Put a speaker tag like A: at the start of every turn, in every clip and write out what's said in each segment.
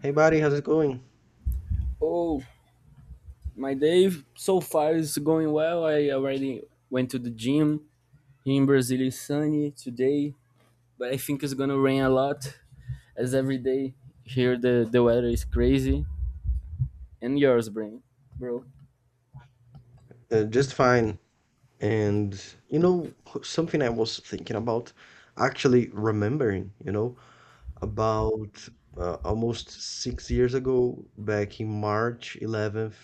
A: Hey, buddy, how's it going?
B: Oh, my day so far is going well. I already went to the gym. Here in Brazil it's sunny today, but I think it's gonna rain a lot as every day here the weather is crazy. And yours, bro.
A: Just fine. And you know, something I was thinking about, actually remembering, you know, about almost 6 years ago, back in March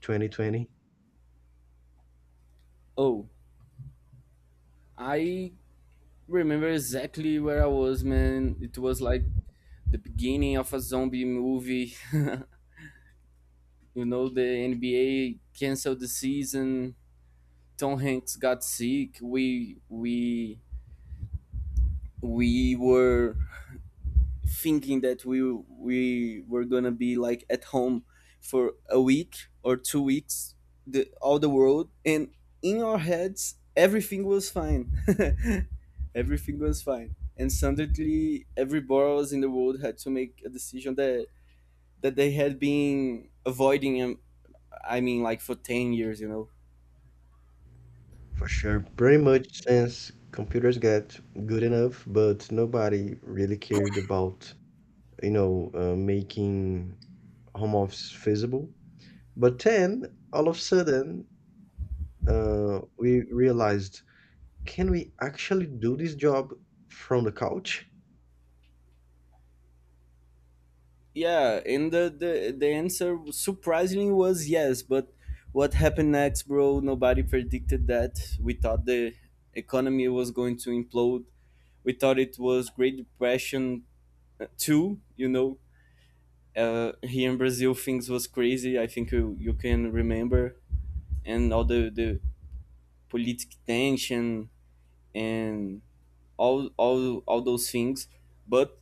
A: 11th, 2020.
B: Oh, I remember exactly where I was, man. It was like the beginning of a zombie movie. You know, the NBA canceled the season. Tom Hanks got sick. We were thinking that we were gonna be like at home for a week or 2 weeks, the all the world, and in our heads everything was fine. Everything was fine, and suddenly every boroughs in the world had to make a decision that they had been avoiding, I mean, like, for 10 years.
A: For sure, pretty much since computers got good enough, but nobody really cared about, you know, making home office feasible. But then, all of a sudden, we realized can we actually do this job from the couch?
B: Yeah, and the answer surprisingly was yes, but what happened next, bro, nobody predicted that. We thought the economy was going to implode. We thought it was great depression, too, you know. Here in Brazil things was crazy. I think you can remember, and all the political tension and all those things. But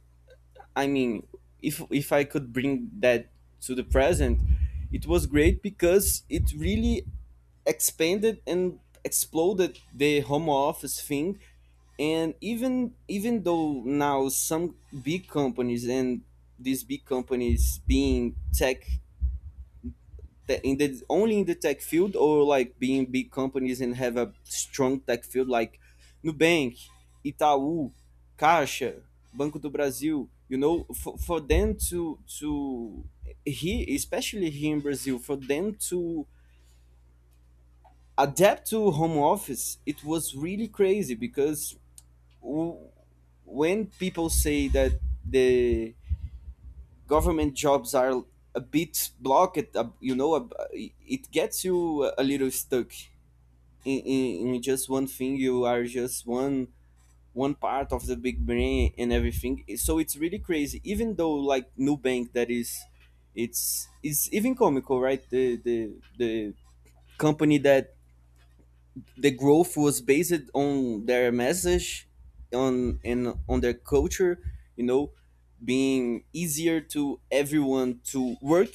B: I mean, if I could bring that to the present, it was great because it really expanded and exploded the home office thing. And even though now some big companies, and these big companies being tech, in the only in the tech field, or like being big companies and have a strong tech field like Nubank, Itaú, Caixa, Banco do Brasil. You know, for them to here, especially here in Brazil, for them to adapt to home office, it was really crazy, because w- when people say that the government jobs are a bit blocked, you know, it gets you a little stuck in just one thing. You are just one part of the big brain and everything, so it's really crazy. Even though like Nubank, that is, it's even comical, right? The company that the growth was based on their message on and on their culture, you know, being easier to everyone to work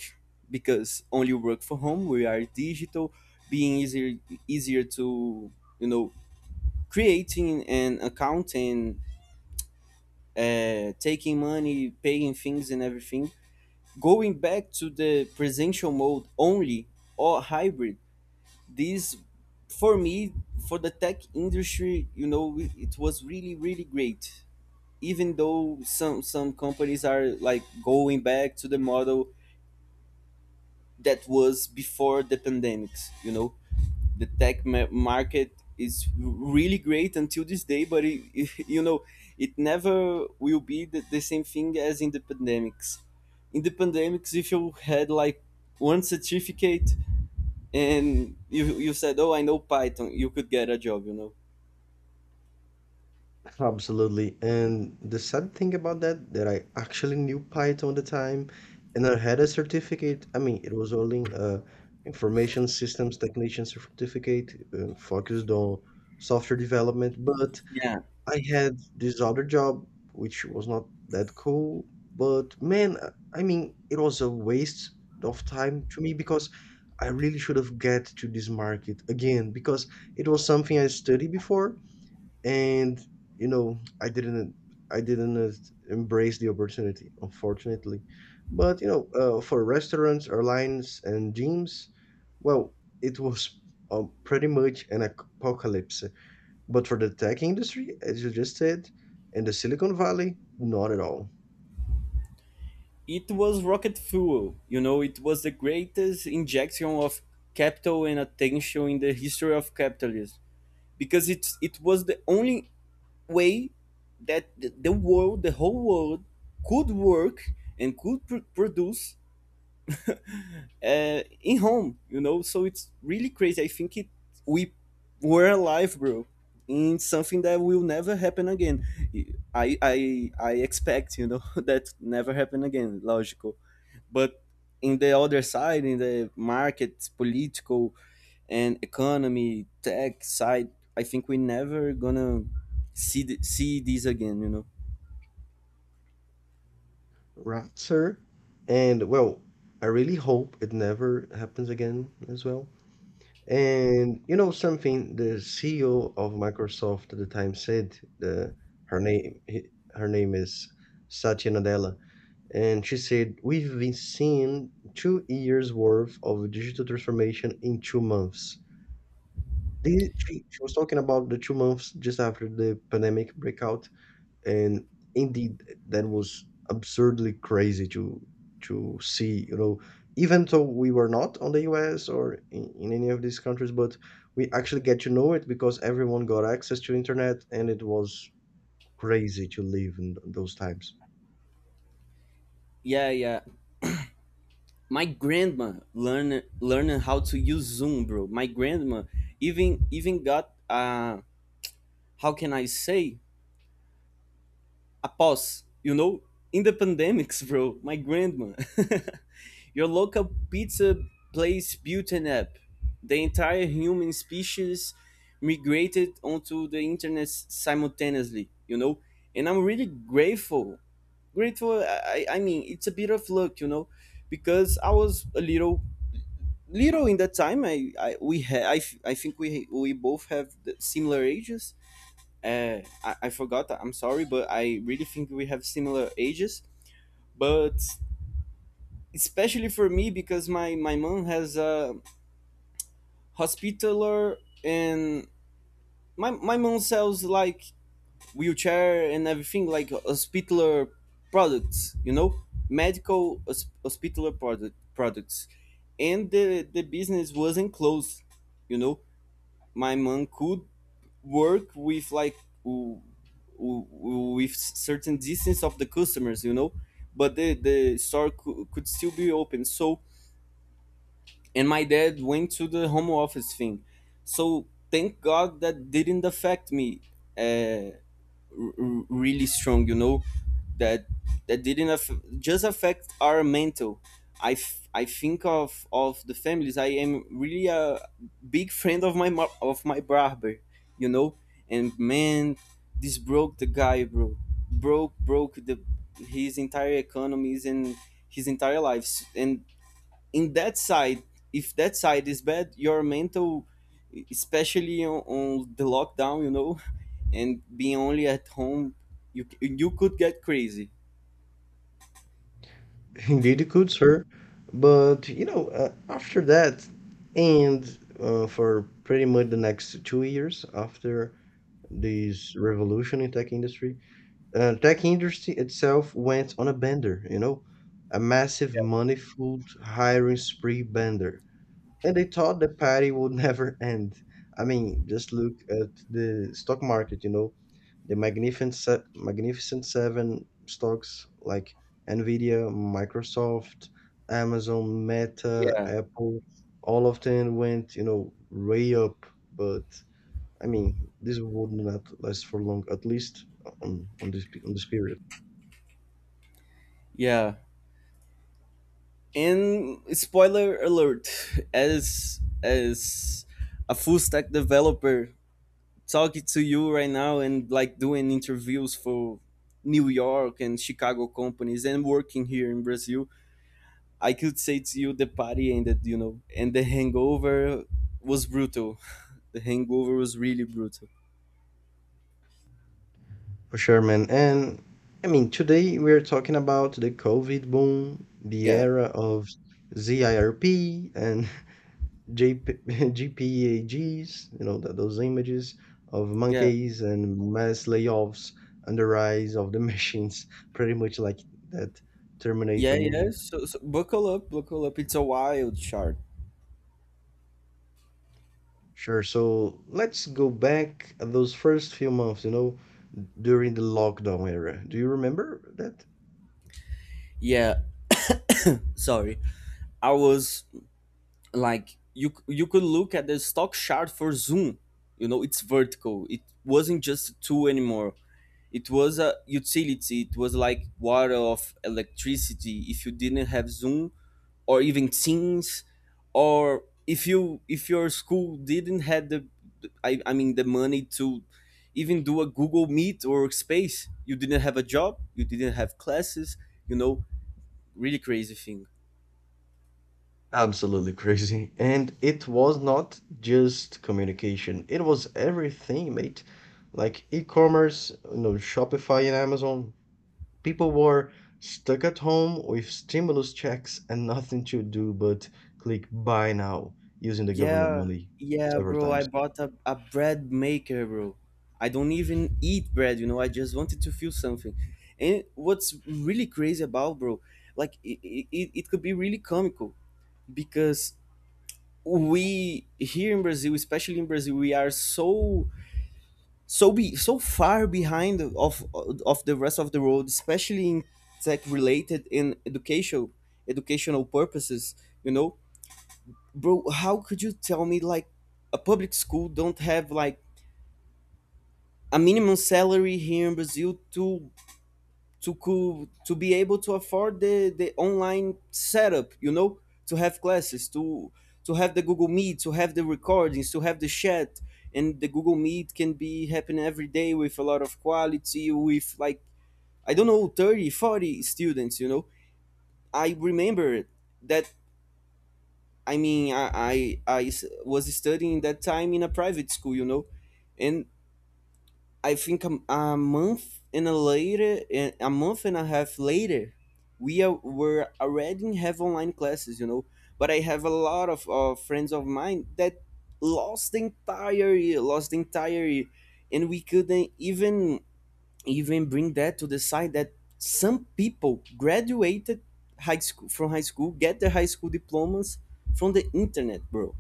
B: because only work from home. We are digital, being easier, easier to, you know, creating an account, and taking money, paying things, and everything. Going back to the presential mode only or hybrid, this for me, for the tech industry, you know, it was really, really great. Even though some companies are like going back to the model that was before the pandemics, you know, the tech market is really great until this day, but it, you know, it never will be the same thing as in the pandemics. In the pandemics, if you had like one certificate and you said, oh, I know Python, you could get a job, you know.
A: Absolutely. And the sad thing about that, that I actually knew Python at the time and I had a certificate. I mean, it was only a information systems technician certificate focused on software development, but
B: Yeah,
A: I had this other job which was not that cool, but man, I mean, it was a waste of time to me because I really should have get to this market again because it was something I studied before and you know, I didn't embrace the opportunity, unfortunately. But you know, for restaurants, airlines, and gyms, well, it was pretty much an apocalypse. But for the tech industry, as you just said, and the Silicon Valley, not at all.
B: it was rocket fuel. You know, it was the greatest injection of capital and attention in the history of capitalism, because it was the only way that the world, the whole world, could work and could produce, in home. You know, so it's really crazy. I think it, we were alive, bro, in something that will never happen again. I expect, you know, that never happen again. Logical, but in the other side, in the markets, political and economy, tech side, I think we never gonna see see these again. You know?
A: Right, sir. And well, I really hope it never happens again as well. And you know something, the CEO of Microsoft at the time said, her name he- her name is Satya Nadella, and she said, "We've been seeing 2 years worth of digital transformation in 2 months." They, she was talking about the 2 months just after the pandemic breakout, and indeed that was absurdly crazy to see, you know, even though we were not on the US or in any of these countries, but we actually get to know it because everyone got access to internet, and it was crazy to live in those times.
B: Yeah, yeah. My grandma learning how to use Zoom, bro. My grandma even got, uh, how can I say, a pause. You know, in the pandemics, bro, my grandma. Your local pizza place built an app. The entire human species migrated onto the internet simultaneously, you know? And I'm really grateful. Grateful, I mean, it's a bit of luck, you know? Because I was a little, little in that time. I, I, I think we both have the similar ages, I forgot. I'm sorry, but I really think we have similar ages. But especially for me, because my mom has a hospitaler, and my mom sells like wheelchair and everything like hospitaler products. You know, medical hospitaler products, and the business wasn't closed. You know, my mom could work with like w- with certain distance of the customers, you know, but the store could still be open. So and my dad went to the home office thing, so thank god that didn't affect me, uh, really strong, you know, that didn't just affect our mental. I think of the families. I am really a big friend of my of my barber, you know, and, man, this broke the guy, bro, broke, the his entire economies and his entire lives. And in that side, if that side is bad, your mental, especially on the lockdown, you know, and being only at home, you could get crazy.
A: Indeed it could, sir. But you know, after that, and for pretty much the next 2 years after this revolution in tech industry. Tech industry itself went on a bender, you know, a massive money-fueled hiring spree bender. And they thought the party would never end. I mean, just look at the stock market, you know, the magnificent seven stocks like Nvidia, Microsoft, Amazon, Meta,
B: Yeah,
A: Apple, all of them went, you know, way up. But I mean, this would not last for long, at least on this period.
B: yeah, and spoiler alert, as a full stack developer talking to you right now, and like doing interviews for New York and Chicago companies and working here in Brazil, I could say to you the party ended, you know, and the hangover was brutal. The hangover was really brutal.
A: For sure, man. And I mean, today we're talking about the COVID boom, the
B: Yeah,
A: era of ZIRP and JP, GPAGs, you know, th those images of
B: yeah,
A: monkeys and mass layoffs and the rise of the machines, pretty much like that
B: yeah,
A: Terminator
B: yeah.
A: movie.
B: So buckle up, buckle up. It's a wild chart.
A: Sure. So let's go back those first few months, you know, during the lockdown era. Do you remember that?
B: Yeah, sorry. I was like, you could look at the stock chart for Zoom. You know, it's vertical. It wasn't just a tool anymore. It was a utility. It was like water of electricity. If you didn't have Zoom, or even teens, or if you, if your school didn't had the, I mean, the money to even do a Google Meet or space, you didn't have a job, you didn't have classes. You know, really crazy thing.
A: Absolutely crazy. And it was not just communication, it was everything, mate. Like e-commerce, you know, Shopify and Amazon. People were stuck at home with stimulus checks and nothing to do but click buy now using the government
B: Yeah,
A: money
B: yeah,
A: several
B: bro, I
A: times.
B: bought a bread maker, bro. I don't even eat bread, you know, I just wanted to feel something. And what's really crazy about, bro, like it could be really comical, because we here in Brazil, especially in Brazil, we are so, so be so far behind of the rest of the world, especially in tech related in educational purposes. You know, bro, how could you tell me like a public school don't have like a minimum salary here in Brazil to to be able to afford the online setup, you know, to have classes, to have the Google Meet, to have the recordings, to have the chat, and the Google Meet can be happening every day with a lot of quality with like, I don't know, 30, 40 students, you know. I remember that, I mean, I was studying that time in a private school, you know. And I think a month and a later, eh, a month and a half later, were already have online classes, you know. But I have a lot of, friends of mine that lost the entire year, lost the entire year, and we couldn't even, even bring that to the side that some people graduated high school, from high school, get their high school diplomas from the internet, bro.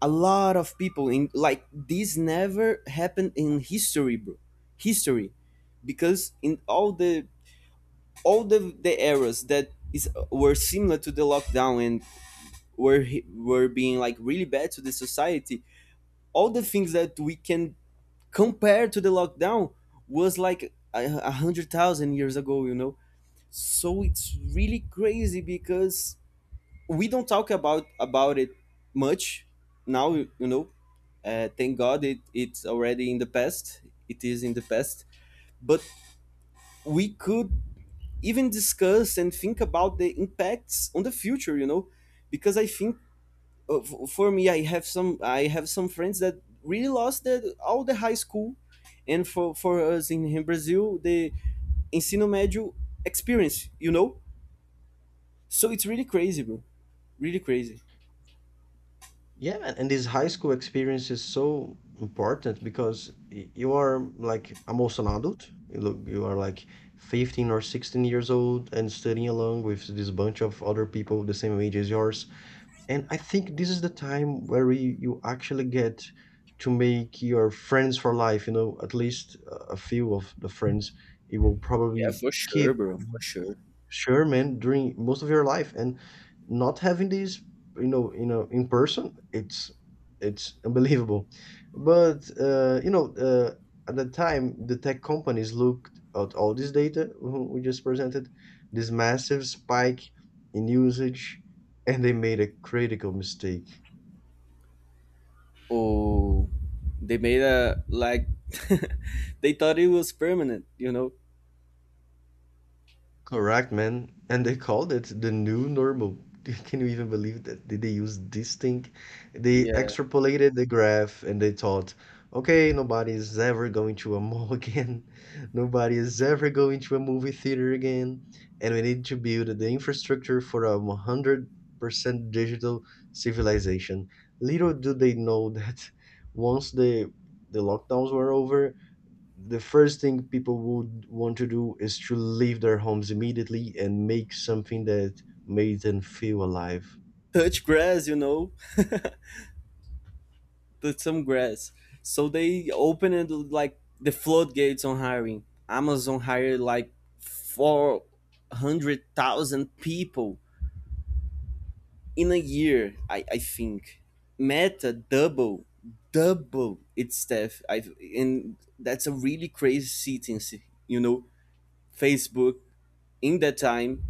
B: A lot of people in, like, this never happened in history, bro history, because in all the, all the eras that is, were similar to the lockdown, and were were being like really bad to the society, all the things that we can compare to the lockdown was like 100,000 years ago, you know. So it's really crazy, because we don't talk about it much now, you know. Thank God it's already in the past. It is in the past. But we could even discuss and think about the impacts on the future, you know, because I think, for me, I have some, I have some friends that really lost all the high school. And for us in Brazil, the ensino médio experience, you know. So it's really crazy, bro. Really crazy.
A: Yeah, and this high school experience is so important because you are like almost an adult. You look, you are like 15 or 16 years old and studying along with this bunch of other people the same age as yours. And I think this is the time where you actually get to make your friends for life, you know, at least a few of the friends you will
B: Yeah,
A: probably
B: for sure,
A: keep.
B: bro. For sure.
A: Sure, man, during most of your life, and not having these, you know, in person, it's unbelievable. But you know, at the time, the tech companies looked at all this data who we just presented, this massive spike in usage, and they made a critical mistake.
B: Oh, they made a like they thought it was permanent, you know.
A: Correct, man. And they called it the new normal. Can you even believe that? Did they use this thing? They
B: Yeah,
A: extrapolated the graph and they thought, okay, nobody is ever going to a mall again. Nobody is ever going to a movie theater again. And we need to build the infrastructure for a 100% digital civilization. Little do they know that, once the lockdowns were over, the first thing people would want to do is to leave their homes immediately and make something that made them feel alive.
B: touch grass, you know. Touch some grass. So they opened like the floodgates on hiring. Amazon hired like 400,000 people in a year, I think. Meta double its staff, I and that's a really crazy sentence, you know. Facebook in that time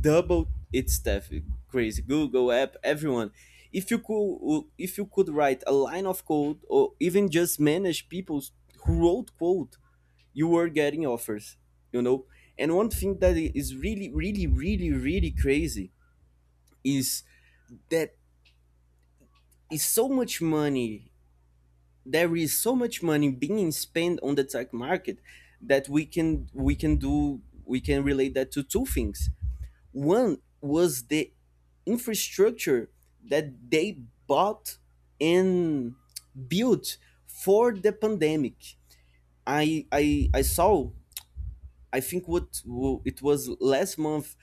B: double its staff. Crazy. Google app everyone. If you could, if you could write a line of code or even just manage people who wrote code, you were getting offers, you know. And one thing that is really, really, really, really crazy is that is so much money. There is so much money being spent on the tech market that we can, we can do we can relate that to two things. One was the infrastructure that they bought and built for the pandemic. I saw. I think it was last month.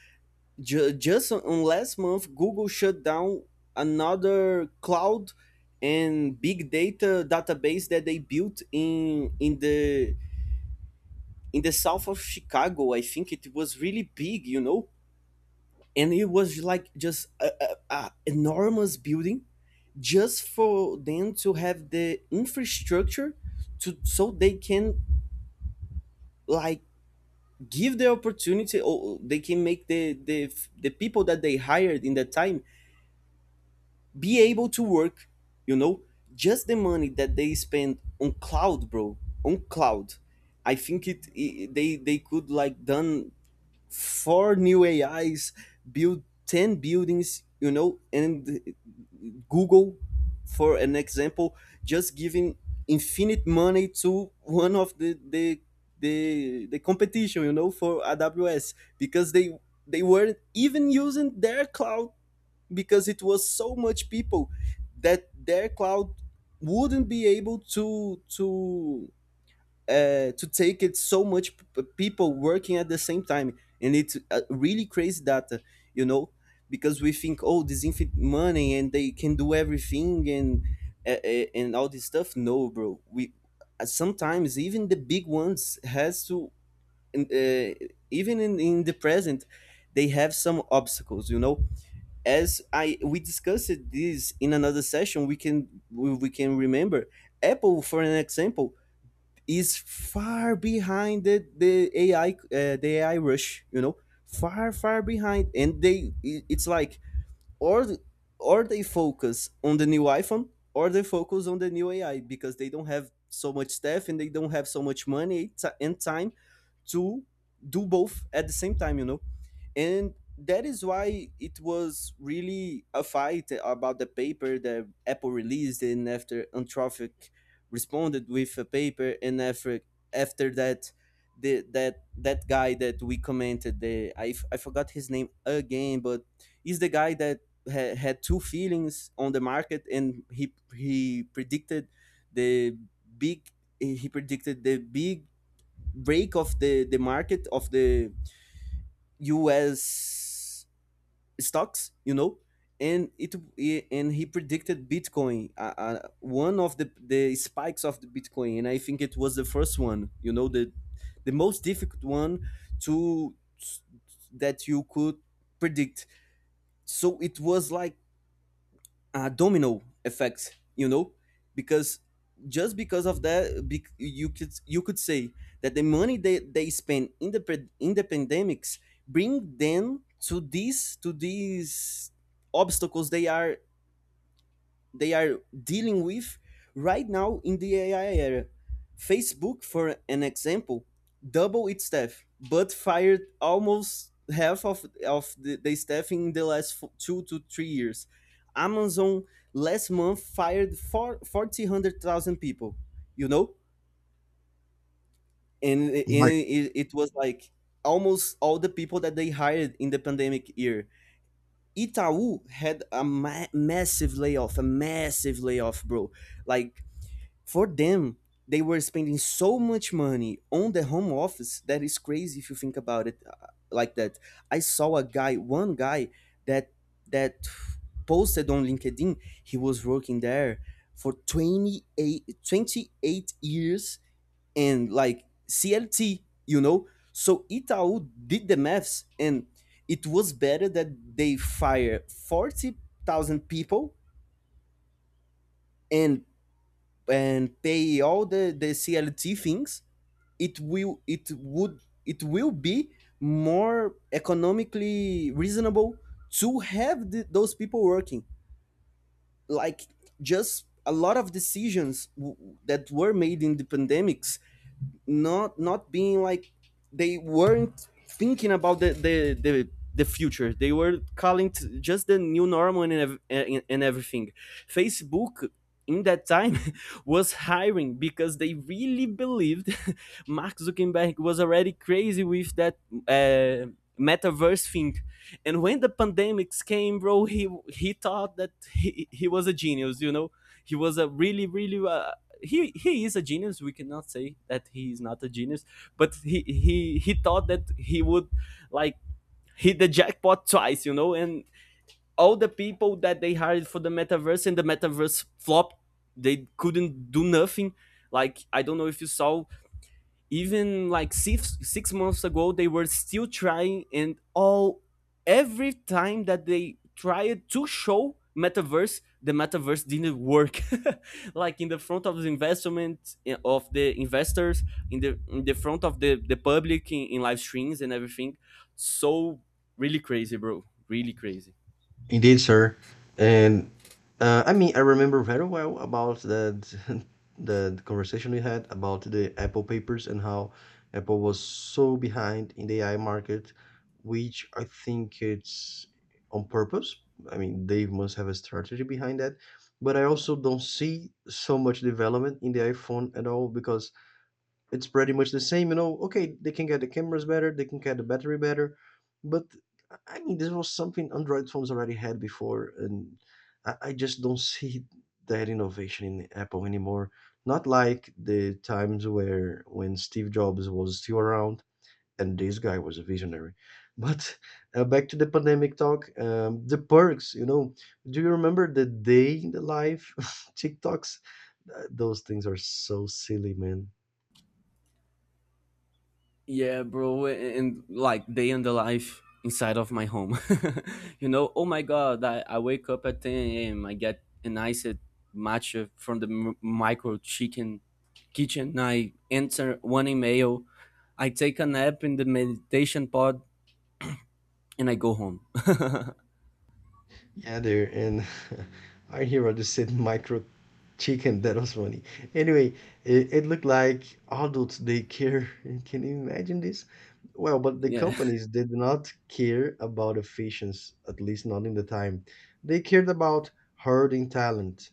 B: Just on last month, Google shut down another cloud and big data database that they built in the in the south of Chicago. I think it was really big. You know, and it was like just a enormous building just for them to have the infrastructure to so they can like give the opportunity, or they can make the the people that they hired in that time be able to work, you know. Just the money that they spend on cloud, bro, on cloud, I think they could like done four new AIs, build 10 buildings, you know. And Google, for an example, just giving infinite money to one of the competition, you know, for AWS, because they weren't even using their cloud because it was so much people that their cloud wouldn't be able to to take it, so much people working at the same time. And it's really crazy data, you know. Because we think, oh, this infinite money and they can do everything, and all this stuff. No, bro, we sometimes even the big ones has to uh, even in the present they have some obstacles, you know. As I we discussed this in another session, we can we can remember Apple, for an example, is far behind the AI the AI rush, you know, far, far behind. And it's like or or they focus on the new iPhone or they focus on the new AI, because they don't have so much staff and they don't have so much money and time to do both at the same time, you know. And that is why it was really a fight about the paper that Apple released, and after Anthropic responded with a paper. And after that, the that that guy that we commented, I forgot his name again, but he's the guy that had two feelings on the market, and he predicted the big he predicted the big break of the market of the U.S stocks, you know. And and he predicted Bitcoin, one of the spikes of the Bitcoin, and I think it was the first one, you know, the most difficult one to that you could predict. So it was like a domino effect, you know. Because just because of that, you could, you could say that the money they spend in in the pandemics bring them to these, to these obstacles they are, they are dealing with right now in the AI era. Facebook, for an example, doubled its staff, but fired almost half of the staff in the last 2 to 3 years. Amazon last month fired 4,000 people, you know. And it was like almost all the people that they hired in the pandemic year. Itaú had a massive layoff, a massive layoff, bro. Like for them, they were spending so much money on the home office, that is crazy if you think about it like that. I saw a guy, one guy that that posted on LinkedIn. He was working there for 28, 28 years and like CLT, you know. So Itaú did the maths, and it was better that they fire 40,000 people and and pay all the CLT things. It will, it would, it will be more economically reasonable to have those people working. Like just a lot of decisions that were made in the pandemics, not being like they weren't thinking about the future. They were calling t just the new normal, and and everything. Facebook in that time was hiring because they really believed. Mark Zuckerberg was already crazy with that uh, metaverse thing. And when the pandemics came, bro, he thought that he was a genius, you know. He was a really, really he is a genius. We cannot say that he is not a genius, but he thought that he would like hit the jackpot twice, you know. And all the people that they hired for the metaverse, and the metaverse flop, they couldn't do nothing. Like I don't know if you saw, even like 6 6 months ago, they were still trying. And all every time that they tried to show metaverse, the metaverse didn't work, like in the front of the investment of the investors, in the front of the public, in live streams and everything. So really crazy, bro. Really crazy.
A: Indeed, sir. And I mean, I remember very well about that, the conversation we had about the Apple papers and how Apple was so behind in the AI market, which I think it's on purpose. I mean, they must have a strategy behind that. But I also don't see so much development in the iPhone at all because it's pretty much the same, you know. Okay, they can get the cameras better, they can get the battery better, but I mean, this was something Android phones already had before, and I just don't see that innovation in Apple anymore. Not like the times where when Steve Jobs was still around and this guy was a visionary. But back to the pandemic talk, the perks, you know, do you remember the day in the life TikToks? Those things are so silly, man.
B: Yeah, bro, and like day and the life inside of my home. You know, oh my god, I wake up at 10 a.m. I get an iced matcha from micro chicken kitchen. I answer one email. I take a nap in the meditation pod and I go home.
A: Yeah, there. And our hero just said micro chicken. That was funny. Anyway, it looked like adults they care. Can you imagine this? Well, but the
B: Yeah.
A: companies did not care about efficiency, at least not in the time. They cared about hoarding talent.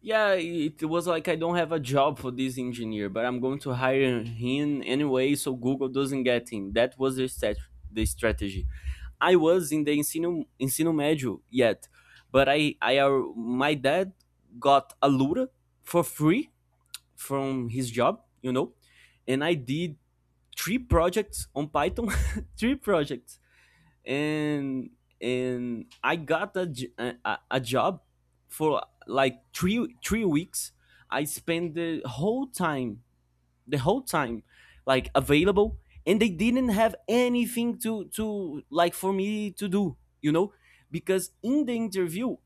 B: Yeah, it was like, I don't have a job for this engineer, but I'm going to hire him anyway, so Google doesn't get him. That was the strategy. I was in the ensino médio yet, but my dad got a Lura for free from his job, you know. And I did three projects on Python, three projects. and and I got a, a job for like three weeks. I spent the whole time, the whole time, like, available, and they didn't have anything to like for me to do, you know. Because in the interview,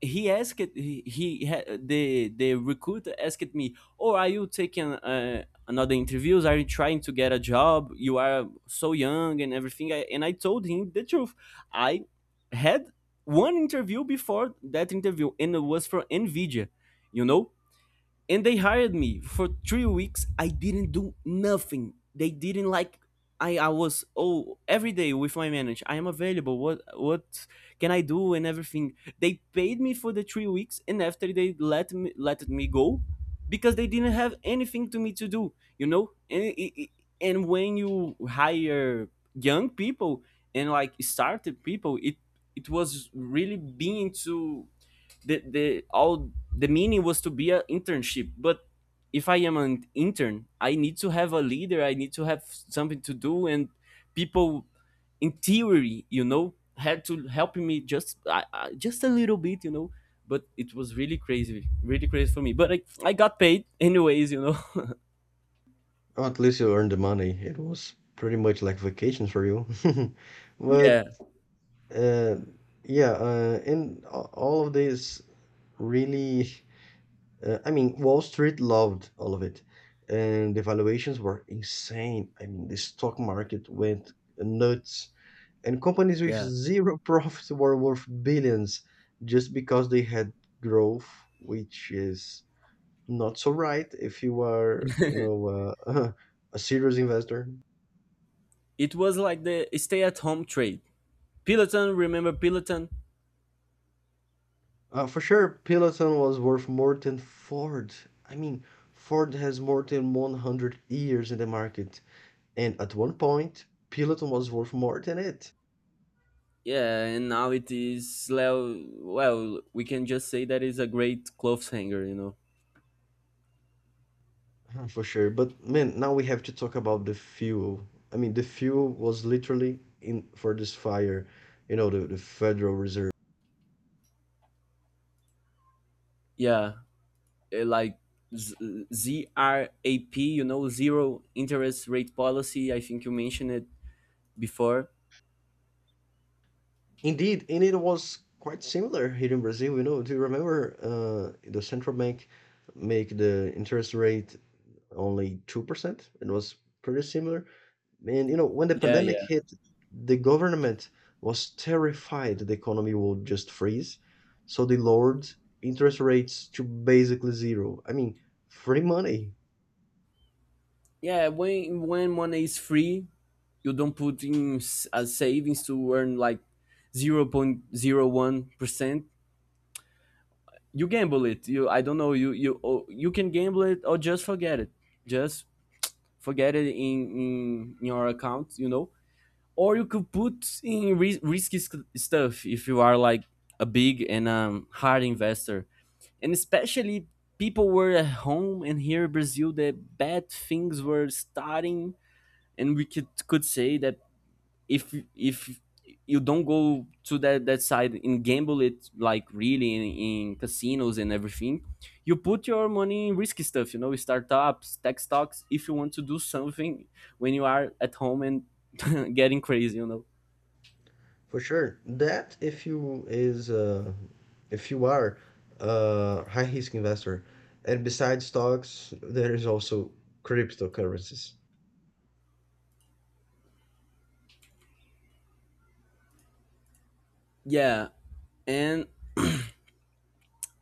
B: he asked he ha- the recruiter asked me, oh, are you taking another interviews, are you trying to get a job, you are so young and everything. And I told him the truth. I had one interview before that interview and it was for Nvidia, you know. And they hired me for 3 weeks. I didn't do nothing. They didn't like. I was, oh, every day with my manager, I am available. What can I do and everything. They paid me for the 3 weeks, and after they let me go because they didn't have anything to me to do, you know. And when you hire young people and like startup people, it was really being to the all the meaning was to be an internship. But if I am an intern, I need to have a leader, I need to have something to do. And people, in theory, you know, had to help me just I just a little bit, you know. But it was really crazy, really crazy for me, but I got paid anyways, you know.
A: Or at least you earned the money. It was pretty much like vacation for you. But
B: Yeah.
A: uh, yeah, and all of this really. I mean, Wall Street loved all of it, and the valuations were insane. I mean, the stock market went nuts, and companies with
B: Yeah,
A: zero profits were worth billions just because they had growth, which is not so right if you are, you know, a serious investor.
B: it was like the stay at home trade. Peloton, remember Peloton?
A: For sure, Peloton was worth more than Ford. I mean, Ford has more than 100 years in the market. And at one point, Peloton was worth more than it.
B: Yeah, and now it is, well, well, we can just say that it's a great clotheshanger, you know.
A: For sure. But man, now we have to talk about the fuel. I mean, the fuel was literally in for this fire, you know, the Federal Reserve.
B: Yeah, like Z- ZRAP, you know, zero interest rate policy. I think you mentioned it before.
A: Indeed, and it was quite similar here in Brazil. You know, do you remember the central bank make the interest rate only 2%? It was pretty similar. Man, you know, when the
B: Yeah,
A: pandemic
B: yeah,
A: hit, the government was terrified the economy would just freeze, so they lowered interest rates to basically zero. I mean, free money
B: yeah. When money is free, you don't put in as savings to earn like 0 point 0.01%. You gamble it. You, I don't know. You Oh, you can gamble it or just forget it. Just forget it in your account, you know. Or you could put in risky stuff if you are like a big and hard investor. And especially people were at home and here in Brazil, the bad things were starting. And we could say that if you don't go to that side and gamble it like really in casinos and everything, you put your money in risky stuff, you know, startups, tech stocks, if you want to do something when you are at home and getting crazy, you know.
A: for sure. That if you is if you are a high risk investor, and besides stocks, there is also cryptocurrencies.
B: Yeah, and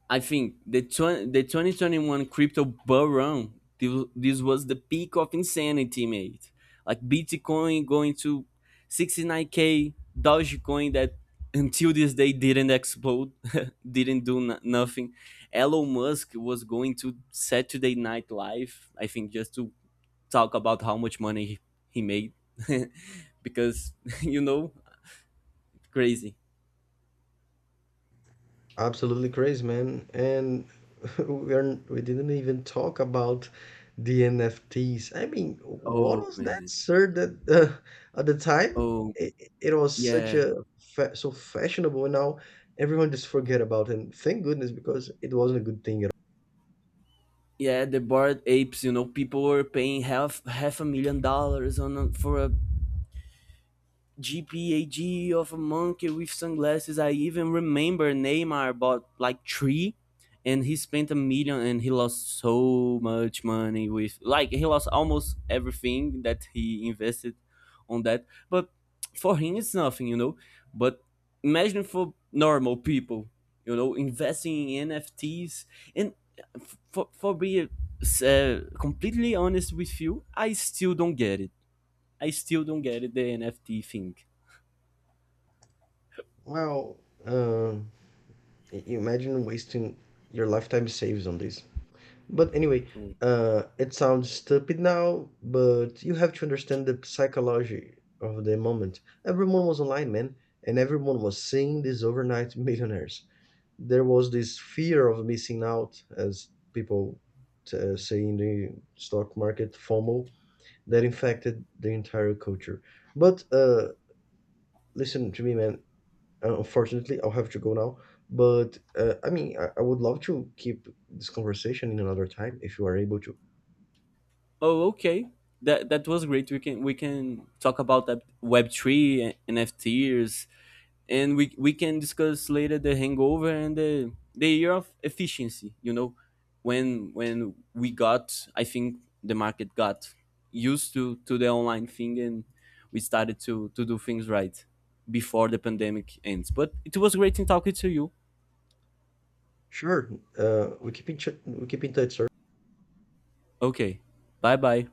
B: I think the 2021 crypto bull run, this was the peak of insanity, mate. Like Bitcoin going to 69k, Dogecoin that until this day didn't explode, didn't do nothing. Elon Musk was going to Saturday Night Live, I think, just to talk about how much money he made. Because, you know, crazy.
A: Absolutely crazy, man. And we didn't even talk about the NFTs. I mean, what
B: Oh,
A: was that,
B: man.
A: sir? That at the time
B: Oh,
A: it, it was such
B: yeah.
A: a fa so fashionable, and now everyone just forget about it. And thank goodness because it wasn't a good thing at
B: Yeah, the board apes. You know, people were paying half $1 million on a, for a GPAG of a monkey with sunglasses. I even remember Neymar bought like three, and he spent a million and he lost so much money with, like, he lost almost everything that he invested on that. But for him it's nothing, you know. But imagine for normal people, you know, investing in N F Ts. And for being completely honest with you, I still don't get it. I still don't get it, the NFT thing.
A: all. Well, imagine wasting your lifetime saves on this. But anyway,
B: Cool.
A: it sounds stupid now, but you have to understand the psychology of the moment. Everyone was online, man, and everyone was seeing these overnight millionaires. There was this fear of missing out, as people say in the stock market, FOMO, that infected the entire culture. But listen to me, man. Unfortunately, I'll have to go now. But I mean, I would love to keep this conversation in another time if you are able to.
B: Oh, okay. That that was great. We can, we can talk about that Web three and NFTs, and we can discuss later the hangover and the year of efficiency. You know, when we got, I think the market got used to the online thing, and we started to do things right before the pandemic ends. But it was great in talking to you.
A: Sure. We keep in touch,
B: Okay, bye bye.